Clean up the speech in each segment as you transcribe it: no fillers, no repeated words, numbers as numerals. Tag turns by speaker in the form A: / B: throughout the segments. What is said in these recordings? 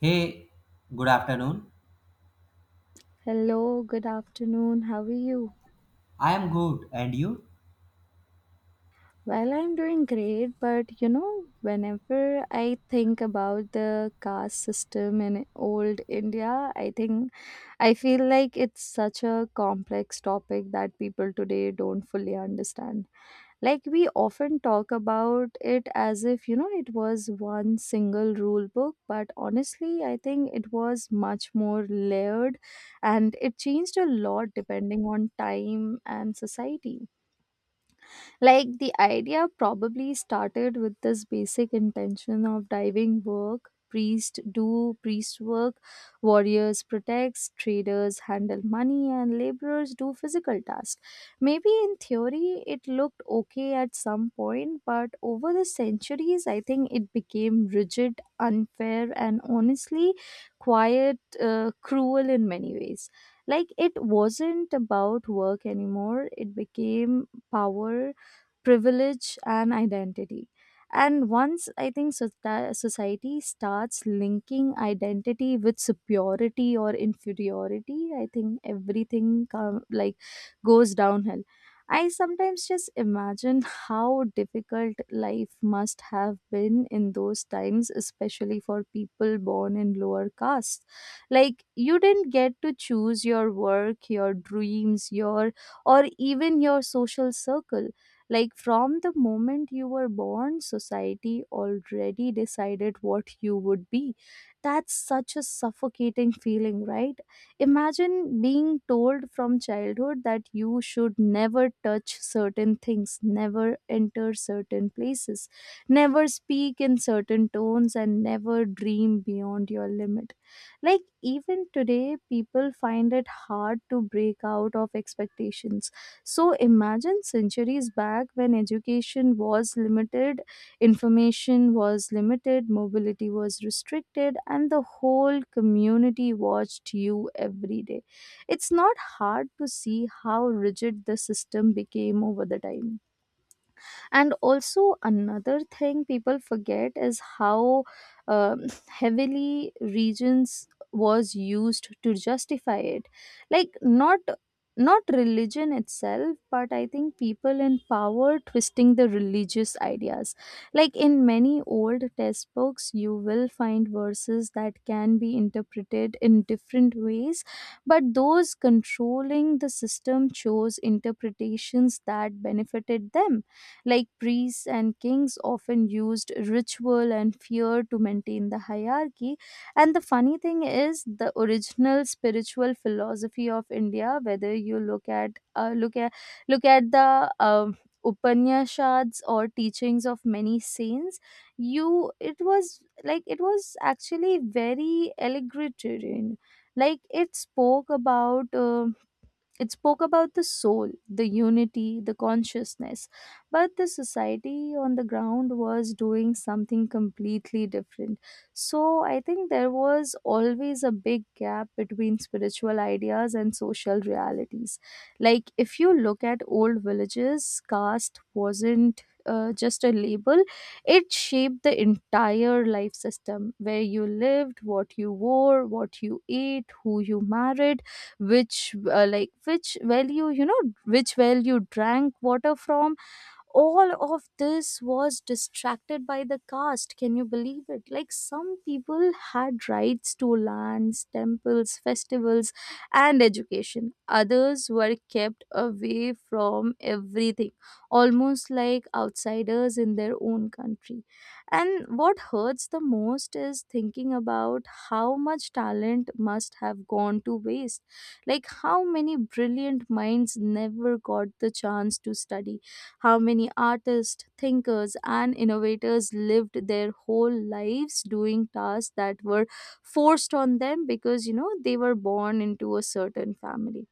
A: Hey, good afternoon.
B: Hello, good afternoon. How are you?
A: I am good, and you?
B: Well, I'm doing great, but you know, whenever I think about the caste system in old India, I feel like it's such a complex topic that people today don't fully understand. Like, we often talk about it as if, you know, it was one single rule book, but honestly, I think it was much more layered and it changed a lot depending on time and society. Like the idea probably started with this basic intention of diving work, priest do priest work, warriors protects, traders handle money, and laborers do physical tasks. Maybe in theory it looked okay at some point, but over the centuries I think it became rigid, unfair, and honestly quiet cruel in many ways. Like it wasn't about work anymore, it became power, privilege, and identity. And once I think society starts linking identity with superiority or inferiority, I think everything come, like, goes downhill. I sometimes just imagine how difficult life must have been in those times, especially for people born in lower castes. Like you didn't get to choose your work, your dreams, your or even your social circle. Like from the moment you were born, society already decided what you would be. That's such a suffocating feeling, right? Imagine being told from childhood that you should never touch certain things, never enter certain places, never speak in certain tones, and never dream beyond your limit. Like even today people find it hard to break out of expectations, so imagine centuries back when education was limited, information was limited, mobility was restricted, and the whole community watched you every day. It's not hard to see how rigid the system became over the time. And also another thing people forget is how um, heavily regions was used to justify it. Like not religion itself, but I think people in power twisting the religious ideas. Like in many old textbooks you will find verses that can be interpreted in different ways, but those controlling the system chose interpretations that benefited them. Like priests and kings often used ritual and fear to maintain the hierarchy. And the funny thing is, the original spiritual philosophy of India, whether you look at the Upanishads or teachings of many saints, you it was like it was actually very allegoritarian. Like it spoke about. It spoke about the soul, the unity, the consciousness. But the society on the ground was doing something completely different. So I think there was always a big gap between spiritual ideas and social realities. Like if you look at old villages, caste wasn't just a label, it shaped the entire life system, where you lived, what you wore, what you ate, who you married, which which well you know, which well you drank water from. All of this was distracted by the caste. Can you believe it? Like some people had rights to lands, temples, festivals, and education, others were kept away from everything, almost like outsiders in their own country. And what hurts the most is thinking about how much talent must have gone to waste. Like how many brilliant minds never got the chance to study, how many artists, thinkers, and innovators lived their whole lives doing tasks that were forced on them because, you know, they were born into a certain family.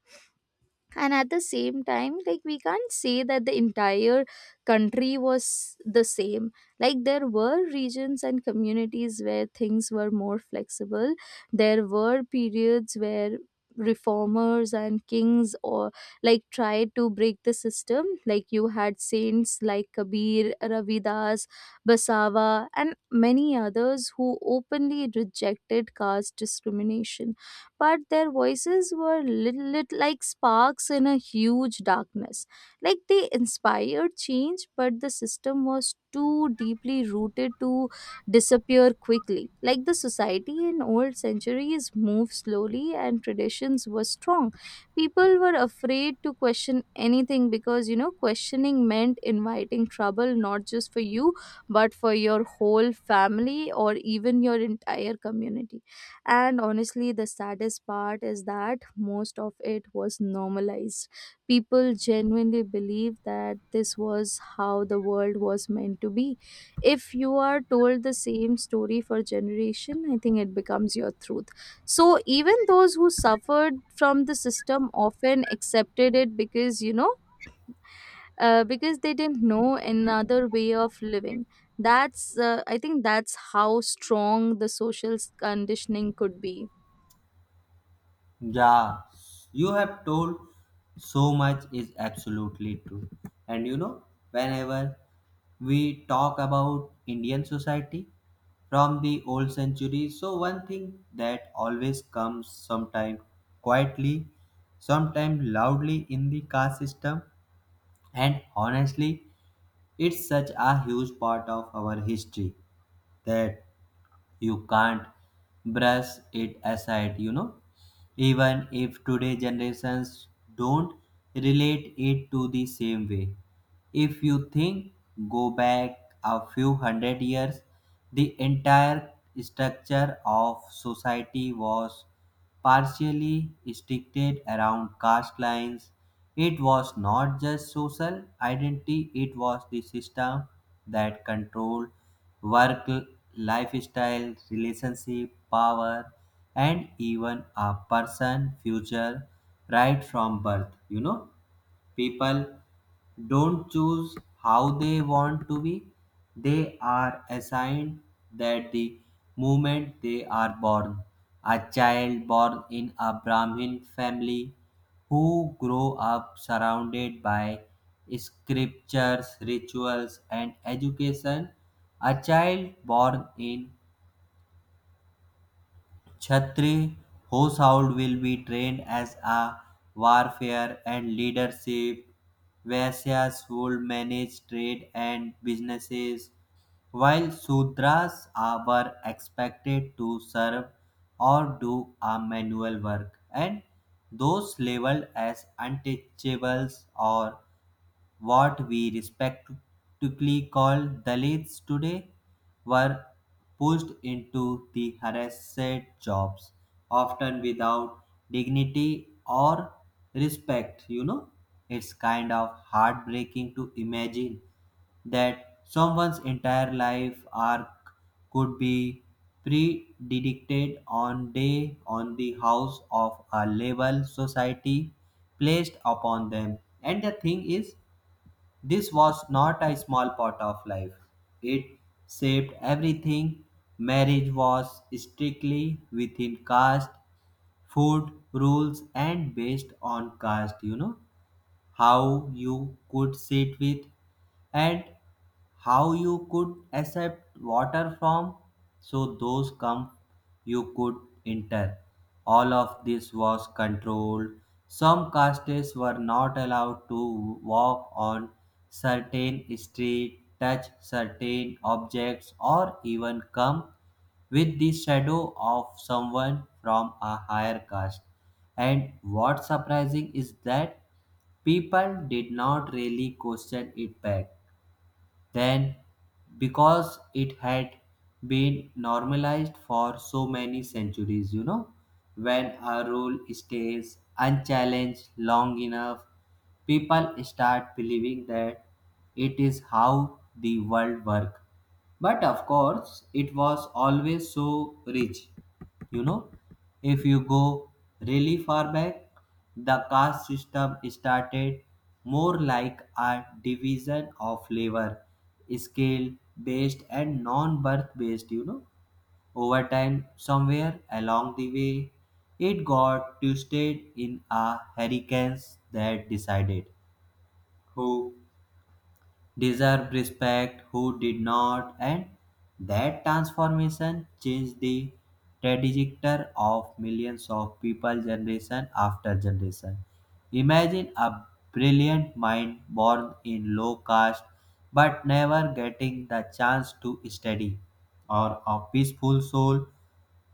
B: And at the same time, like we can't say that the entire country was the same. Like there were regions and communities where things were more flexible, there were periods where reformers and kings or like tried to break the system. Like you had saints like Kabir, Ravidas, Basava, and many others who openly rejected caste discrimination. But their voices were lit like sparks in a huge darkness. Like they inspired change, but the system was too deeply rooted to disappear quickly. Like the society in old centuries moved slowly and traditions were strong. People were afraid to question anything because, you know, questioning meant inviting trouble, not just for you, but for your whole family or even your entire community. And honestly, the saddest part is that most of it was normalized. People genuinely believe that this was how the world was meant to be. If you are told the same story for generation, I think it becomes your truth. So even those who suffered from the system often accepted it because, because they didn't know another way of living. That's, I think that's how strong the social conditioning could be.
A: Yeah, you have told so much is absolutely true. And you know, whenever we talk about Indian society from the old century, so one thing that always comes sometimes quietly, sometimes loudly in the caste system, and honestly, it's such a huge part of our history that you can't brush it aside, you know, even if today generations don't relate it to the same way. If you think go back a few hundred years, the entire structure of society was partially restricted around caste lines. It was not just social identity, it was the system that controlled work, lifestyle, relationship, power, and even a person future right from birth. You know, people don't choose how they want to be, they are assigned that the moment they are born. A child born in a Brahmin family who grow up surrounded by scriptures, rituals, and education. A child born in Chhatri household will be trained as a warfare and leadership. Vaishyas would manage trade and businesses, while Sudras were expected to serve or do a manual work, and those labeled as untouchables or what we respectively call Dalits today were pushed into the harassed jobs, often without dignity or respect. You know, it's kind of heartbreaking to imagine that someone's entire life arc could be predicted on day on the house of a label society placed upon them. And the thing is, this was not a small part of life. It shaped everything. Marriage was strictly within caste, food rules, and based on caste, you know, how you could sit with and how you could accept water from, so those come you could enter, all of this was controlled. Some castes were not allowed to walk on certain street, touch certain objects, or even come with the shadow of someone from a higher caste. And what's surprising is that people did not really question it back then because it had been normalized for so many centuries, you know. When a rule stays unchallenged long enough, people start believing that it is how the world works. But of course, it was always so rich, you know. If you go really far back, the caste system started more like a division of labor, skill based and non birth based, you know. Over time, somewhere along the way, it got twisted in a hurricanes that decided who deserved respect, who did not, and that transformation changed the trajectory of millions of people generation after generation. Imagine a brilliant mind born in low caste but never getting the chance to study, or a peaceful soul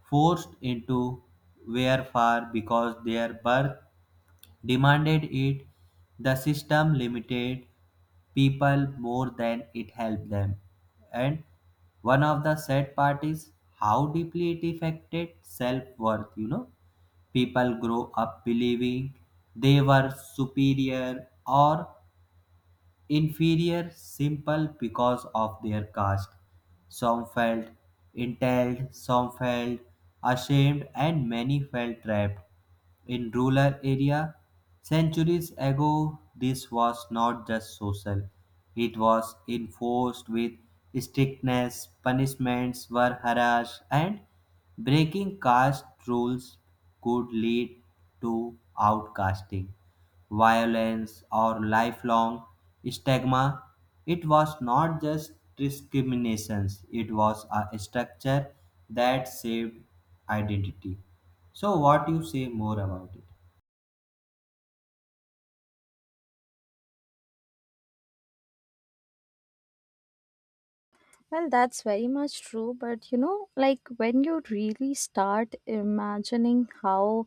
A: forced into warfare because their birth demanded it, the system limited people more than it helped them. And one of the sad part is how deeply it affected self worth. You know, people grow up believing they were superior or inferior simple because of their caste. Some felt entitled, some felt ashamed, and many felt trapped. In rural areas, centuries ago, this was not just social, it was enforced with strictness, punishments were harsh, and breaking caste rules could lead to outcasting violence, or lifelong stigma. It was not just discriminations, it was a structure that shaped identity. So, what you say more about it?
B: Well, that's very much true. But you know, like when you really start imagining how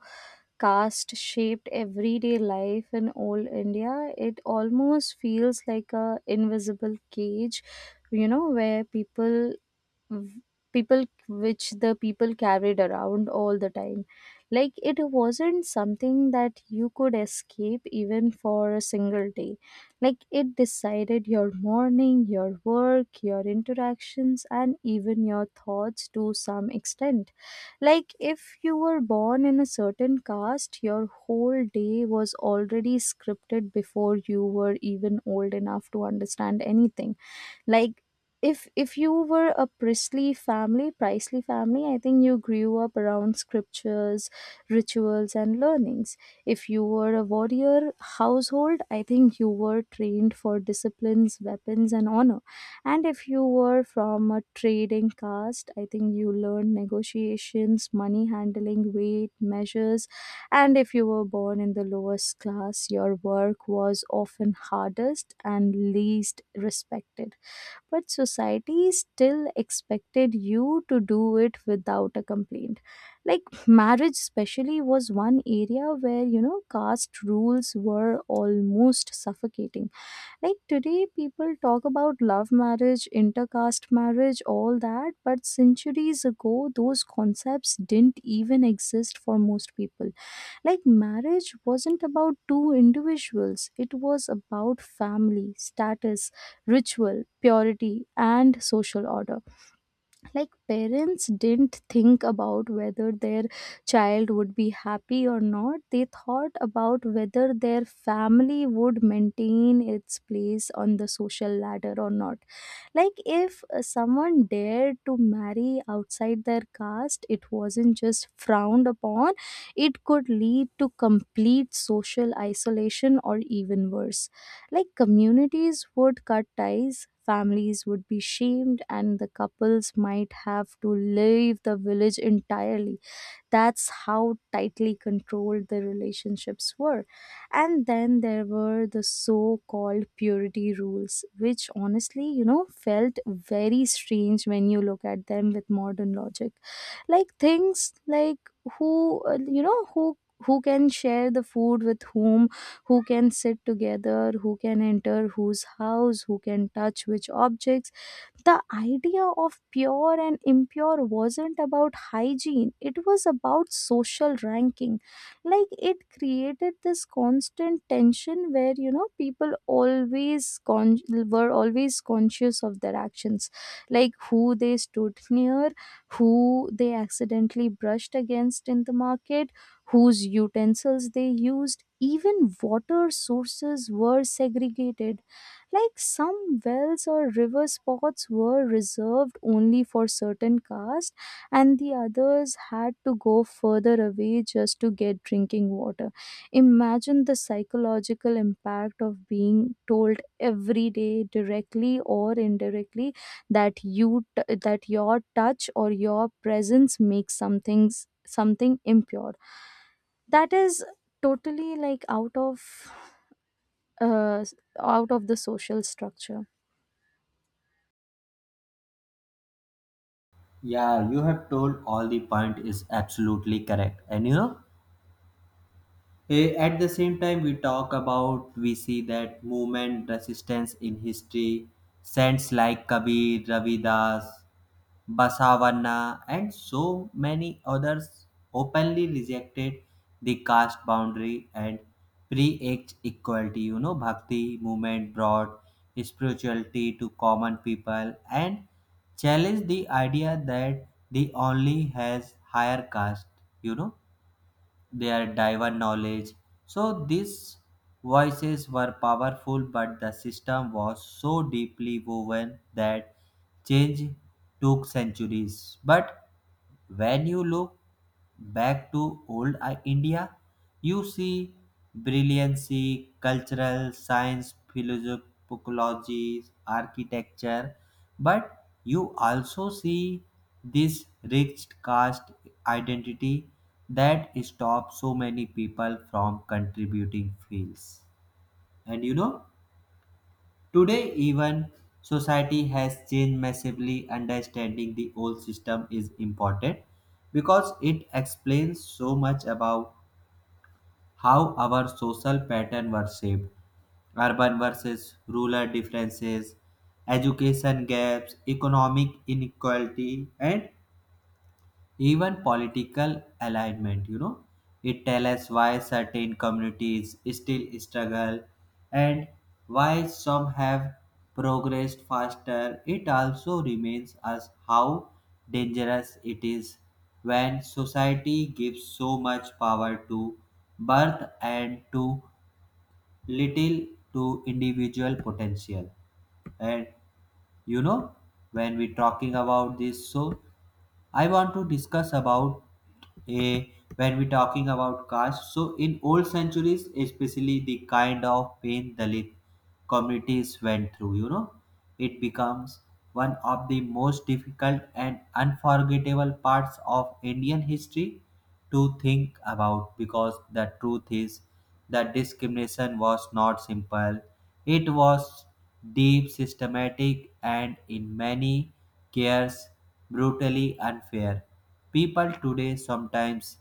B: caste shaped everyday life in old India, it almost feels like a invisible cage, you know, where people v- people which the people carried around all the time. Like it wasn't something that you could escape even for a single day. Like it decided your morning, your work, your interactions, and even your thoughts to some extent. Like if you were born in a certain caste, your whole day was already scripted before you were even old enough to understand anything. Like if you were a priestly family, I think you grew up around scriptures, rituals, and learnings. If you were a warrior household, I think you were trained for disciplines, weapons, and honor. And if you were from a trading caste, I think you learned negotiations, money handling, weight measures. And if you were born in the lowest class, your work was often hardest and least respected, but society still expected you to do it without a complaint. Like marriage, especially, was one area where you know caste rules were almost suffocating. Like today, people talk about love marriage, intercaste marriage, all that, but centuries ago, those concepts didn't even exist for most people. Like, marriage wasn't about two individuals, it was about family, status, ritual, purity, and social order. Like parents didn't think about whether their child would be happy or not, they thought about whether their family would maintain its place on the social ladder or not. Like if someone dared to marry outside their caste, it wasn't just frowned upon, it could lead to complete social isolation or even worse. Like communities would cut ties, families would be shamed, and the couples might have to leave the village entirely. That's how tightly controlled the relationships were. And then there were the so called purity rules, which honestly, you know, felt very strange when you look at them with modern logic. Like things like who, you know, who can share the food with whom, who can sit together, who can enter whose house, who can touch which objects. The idea of pure and impure wasn't about hygiene, it was about social ranking. Like it created this constant tension where, you know, people were always conscious of their actions, like who they stood near, who they accidentally brushed against in the market, whose utensils they used, even water sources were segregated. Like some wells or river spots were reserved only for certain castes, and the others had to go further away just to get drinking water. Imagine the psychological impact of being told every day, directly or indirectly, that that your touch or your presence makes something impure, that is totally like out of out of the social structure.
A: Yeah, you have told all the point is absolutely correct. And you know, eh, at the same time, we talk about, we see that movement resistance in history, saints like Kabir, Ravidas, Basavanna, and so many others openly rejected the caste boundary and preached equality. You know, Bhakti movement brought spirituality to common people and challenged the idea that the only has higher caste, you know, their diver knowledge. So these voices were powerful, but the system was so deeply woven that change took centuries. But when you look back to old India, you see brilliancy, cultural, science, philosophy, architecture, but you also see this rich caste identity that stops so many people from contributing fields. And you know, today, even society has changed massively. Understanding the old system is important because it explains so much about how our social pattern were shaped, urban versus rural differences, education gaps, economic inequality, and even political alignment. You know, it tells us why certain communities still struggle and why some have progressed faster. It also reminds us how dangerous it is when society gives so much power to birth and too little to individual potential. And you know, when we talking about this, so I want to discuss about a when we talking about caste. So in old centuries, especially the kind of pain Dalit communities went through, you know, it becomes one of the most difficult and unforgettable parts of Indian history to think about because the truth is that discrimination was not simple. It was deep, systematic, and in many cases brutally unfair. People today sometimes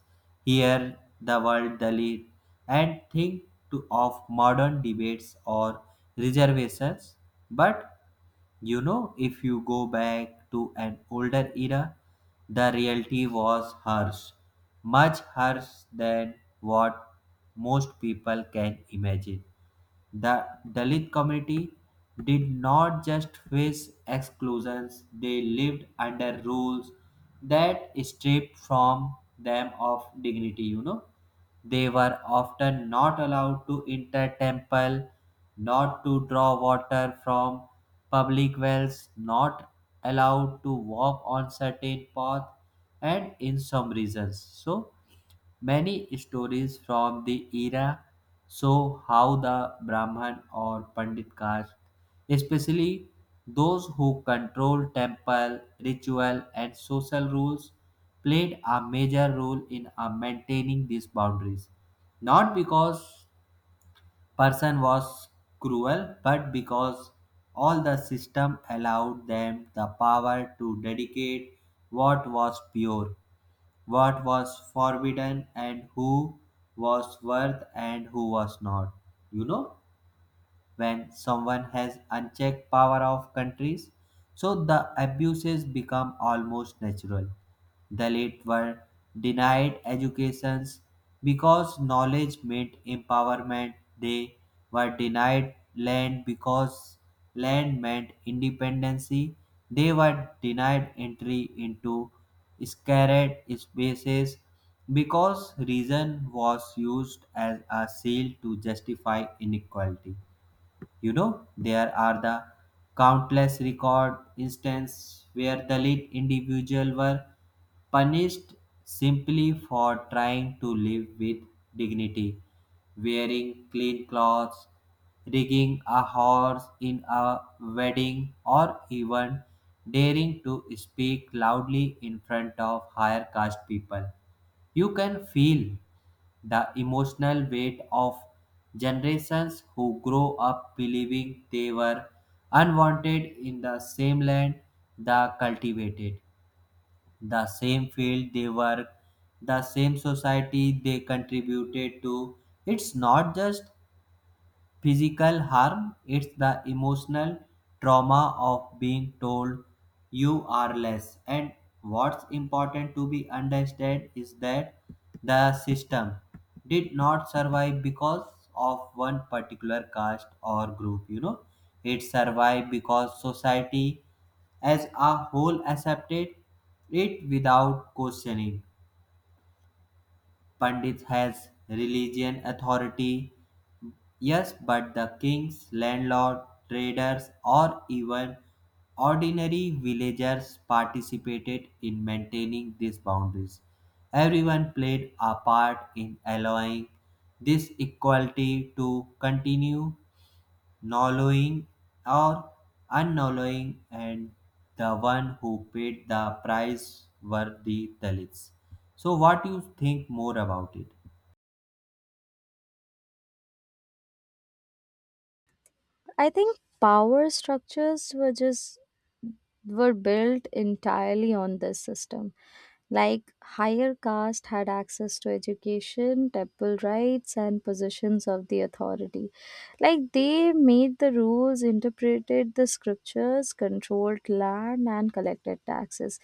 A: hear the word Dalit and think to, of modern debates or reservations, but you know, if you go back to an older era, the reality was harsh, much harsh than what most people can imagine. The Dalit community did not just face exclusions, they lived under rules that stripped from them of dignity, you know. They were often not allowed to enter temple, not to draw water from public wells, not allowed to walk on certain path, and in some reasons. So many stories from the era show how the Brahman or Pandit caste, especially those who controlled temple, ritual, and social rules, played a major role in maintaining these boundaries. Not because person was cruel, but because all the system allowed them the power to dedicate what was pure, what was forbidden, and who was worth and who was not. You know, when someone has unchecked power of countries, so the abuses become almost natural. The late were denied educations because knowledge meant empowerment, they were denied land because land meant independency, they were denied entry into sacred spaces because reason was used as a shield to justify inequality. You know, there are the countless record instances where the lead individual were punished simply for trying to live with dignity, wearing clean clothes, rigging a horse in a wedding, or even daring to speak loudly in front of higher caste people. You can feel the emotional weight of generations who grow up believing they were unwanted in the same land they cultivated, the same field they work, the same society they contributed to. It's not just physical harm, it's the emotional trauma of being told you are less. And what's important to be understood is that the system did not survive because of one particular caste or group, you know, it survived because society as a whole accepted it without questioning. Pandit has religion authority, yes, but the kings, landlord, traders, or even ordinary villagers participated in maintaining these boundaries. Everyone played a part in allowing this equality to continue, knowing or unknowing, and the one who paid the price were the Dalits. So, what do you think more about it?
B: I think power structures were just were built entirely on this system. Like higher caste had access to education, temple rights, and positions of the authority. Like they made the rules, interpreted the scriptures, controlled land, and collected taxes.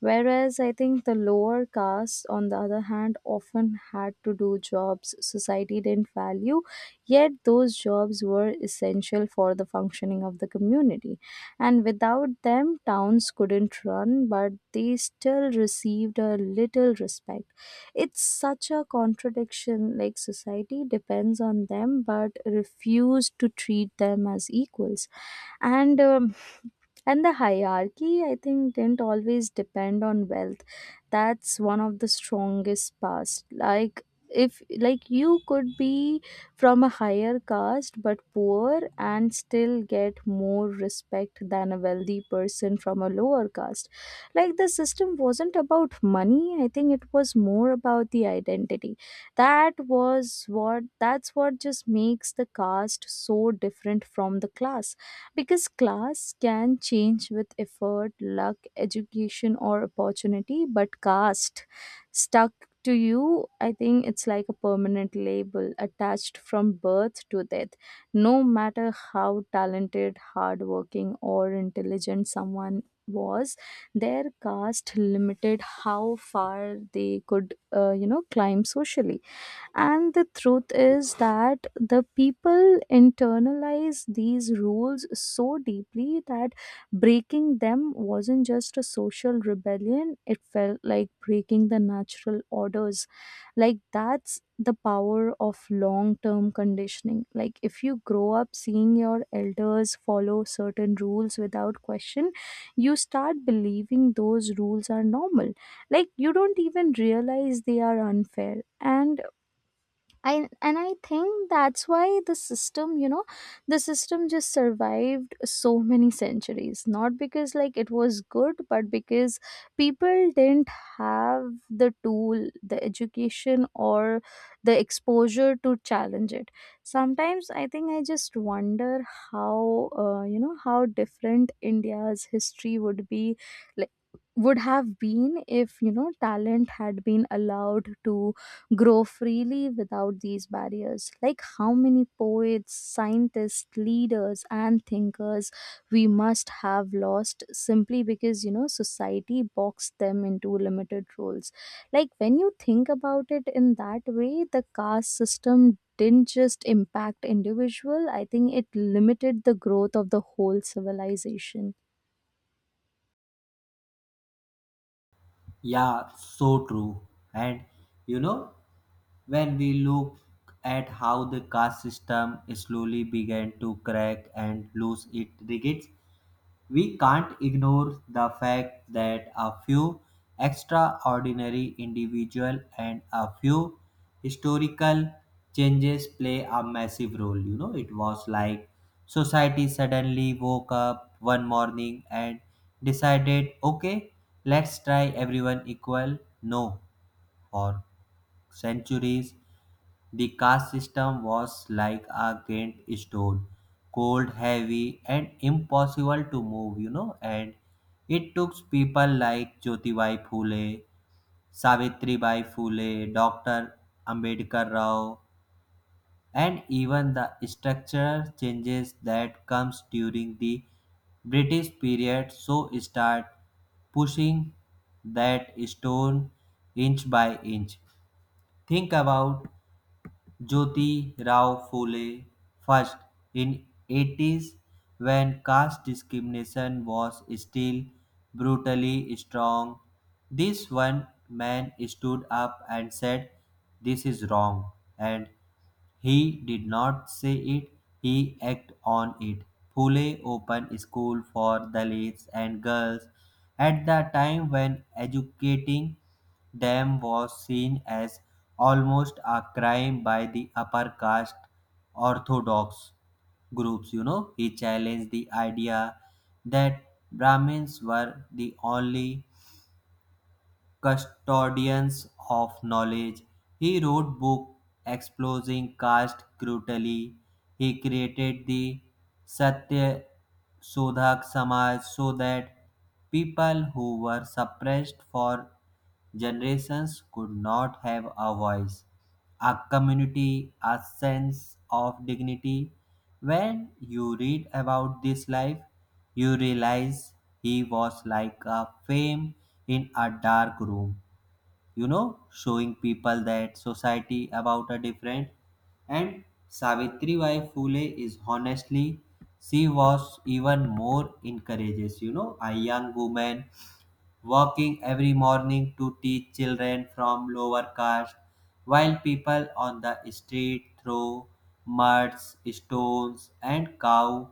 B: Whereas I think the lower caste, on the other hand, often had to do jobs society didn't value, yet those jobs were essential for the functioning of the community, and without them, towns couldn't run, but they still received a little respect. It's such a contradiction, like society depends on them but refused to treat them as equals. And and the hierarchy, I think, didn't always depend on wealth. That's one of the strongest parts. Like, if like you could be from a higher caste but poor and still get more respect than a wealthy person from a lower caste. Like the system wasn't about money, I think it was more about the identity. That's what just makes the caste so different from the class, because class can change with effort, luck, education, or opportunity, but caste stuck to you. I think it's like a permanent label attached from birth to death. No matter how talented, hardworking, or intelligent someone was, their caste limited how far they could, you know, climb socially. And the truth is that the people internalize these rules so deeply that breaking them wasn't just a social rebellion, it felt like breaking the natural orders. Like, that's the power of long term conditioning. Like, if you grow up seeing your elders follow certain rules without question, you start believing those rules are normal. Like you don't even realize they are unfair. And I think that's why the system, you know, the system just survived so many centuries. Not because like it was good, but because people didn't have the tool, the education, or the exposure to challenge it. Sometimes I think I just wonder how, you know, how different India's history would have been if you know talent had been allowed to grow freely without these barriers. Like how many poets, scientists, leaders, and thinkers we must have lost simply because you know society boxed them into limited roles. Like when you think about it in that way, the caste system didn't just impact individual, I think it limited the growth of the whole civilization.
A: Yeah, so true. And you know, when we look at how the caste system slowly began to crack and lose its rigid, we can't ignore the fact that a few extraordinary individuals and a few historical changes play a massive role. You know, it was like society suddenly woke up one morning and decided, okay, let's try everyone equal. No, for centuries the caste system was like a giant stone, cold, heavy, and impossible to move, you know. And it took people like Jyotibai Phule, Savitribai Phule, Dr. Ambedkar Rao, and even the structural changes that comes during the British period so start pushing that stone inch by inch. Think about Jyoti Rao Phule first in 80s when caste discrimination was still brutally strong. This one man stood up and said this is wrong, and he did not say it, he acted on it. Pune opened school for Dalits and girls at the time when educating them was seen as almost a crime by the upper caste orthodox groups. You know, he challenged the idea that Brahmins were the only custodians of knowledge. He wrote books exposing caste cruelty. He created the Satya Sodhak Samaj so that people who were suppressed for generations could not have a voice, a community, a sense of dignity. When you read about this life, you realize he was like a flame in a dark room, you know, showing people that society about a different. And Savitribai Phule is honestly, she was even more encourages, you know, a young woman walking every morning to teach children from lower caste, while people on the street throw muds, stones, and cow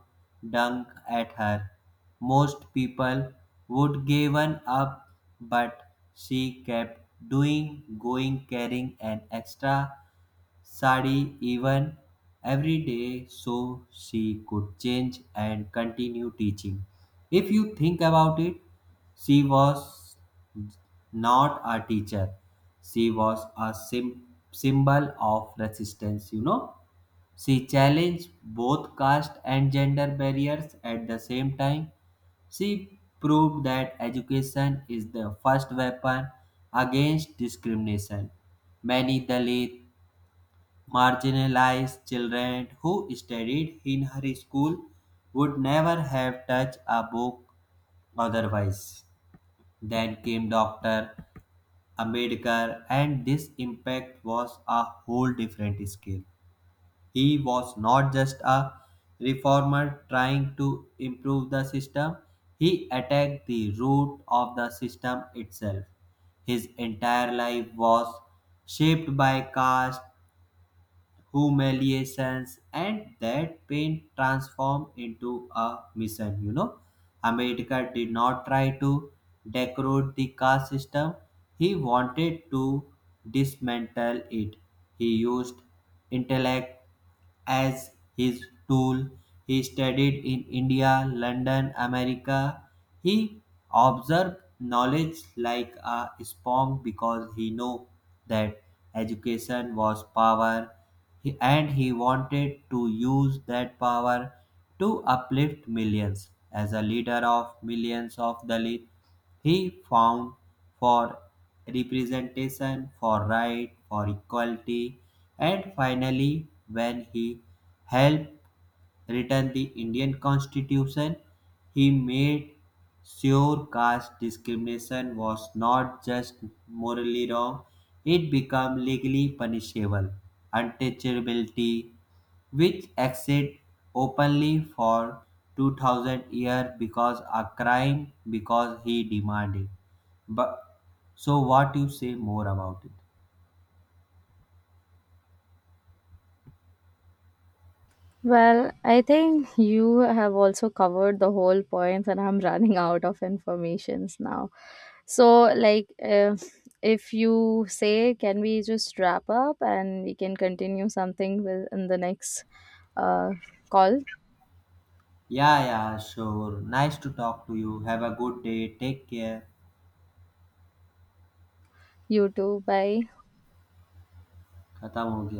A: dung at her. Most people would given up, but she kept doing, going, carrying an extra sari even every day so she could change and continue teaching. If you think about it, she was not a teacher. She was a symbol of resistance, you know. She challenged both caste and gender barriers at the same time. She proved that education is the first weapon against discrimination. Many Dalit marginalized children who studied in her school would never have touched a book otherwise. Then came Dr. Ambedkar, and this impact was a whole different scale. He was not just a reformer trying to improve the system, he attacked the root of the system itself. His entire life was shaped by caste humiliations and that pain transformed into a mission. You know, america did not try to decorate the caste system, he wanted to dismantle it. He used intellect as his tool. He studied in India, London, America. He observed knowledge like a sponge because he knew that education was power. And he wanted to use that power to uplift millions. As a leader of millions of Dalits, he found for representation, for right, for equality, and finally, when he helped written the Indian Constitution, he made sure caste discrimination was not just morally wrong, it became legally punishable. Untouchability, which existed openly for 2,000 years because a crime because he demanded. But so what you say more about it?
B: Well, I think you have also covered the whole points, and I'm running out of informations now. So, like, if you say, can we just wrap up and we can continue something with in the next uh, call?
A: Yeah, yeah, sure. Nice to talk to you. Have a good day. Take care.
B: You too. Bye.
A: खत्म हो गया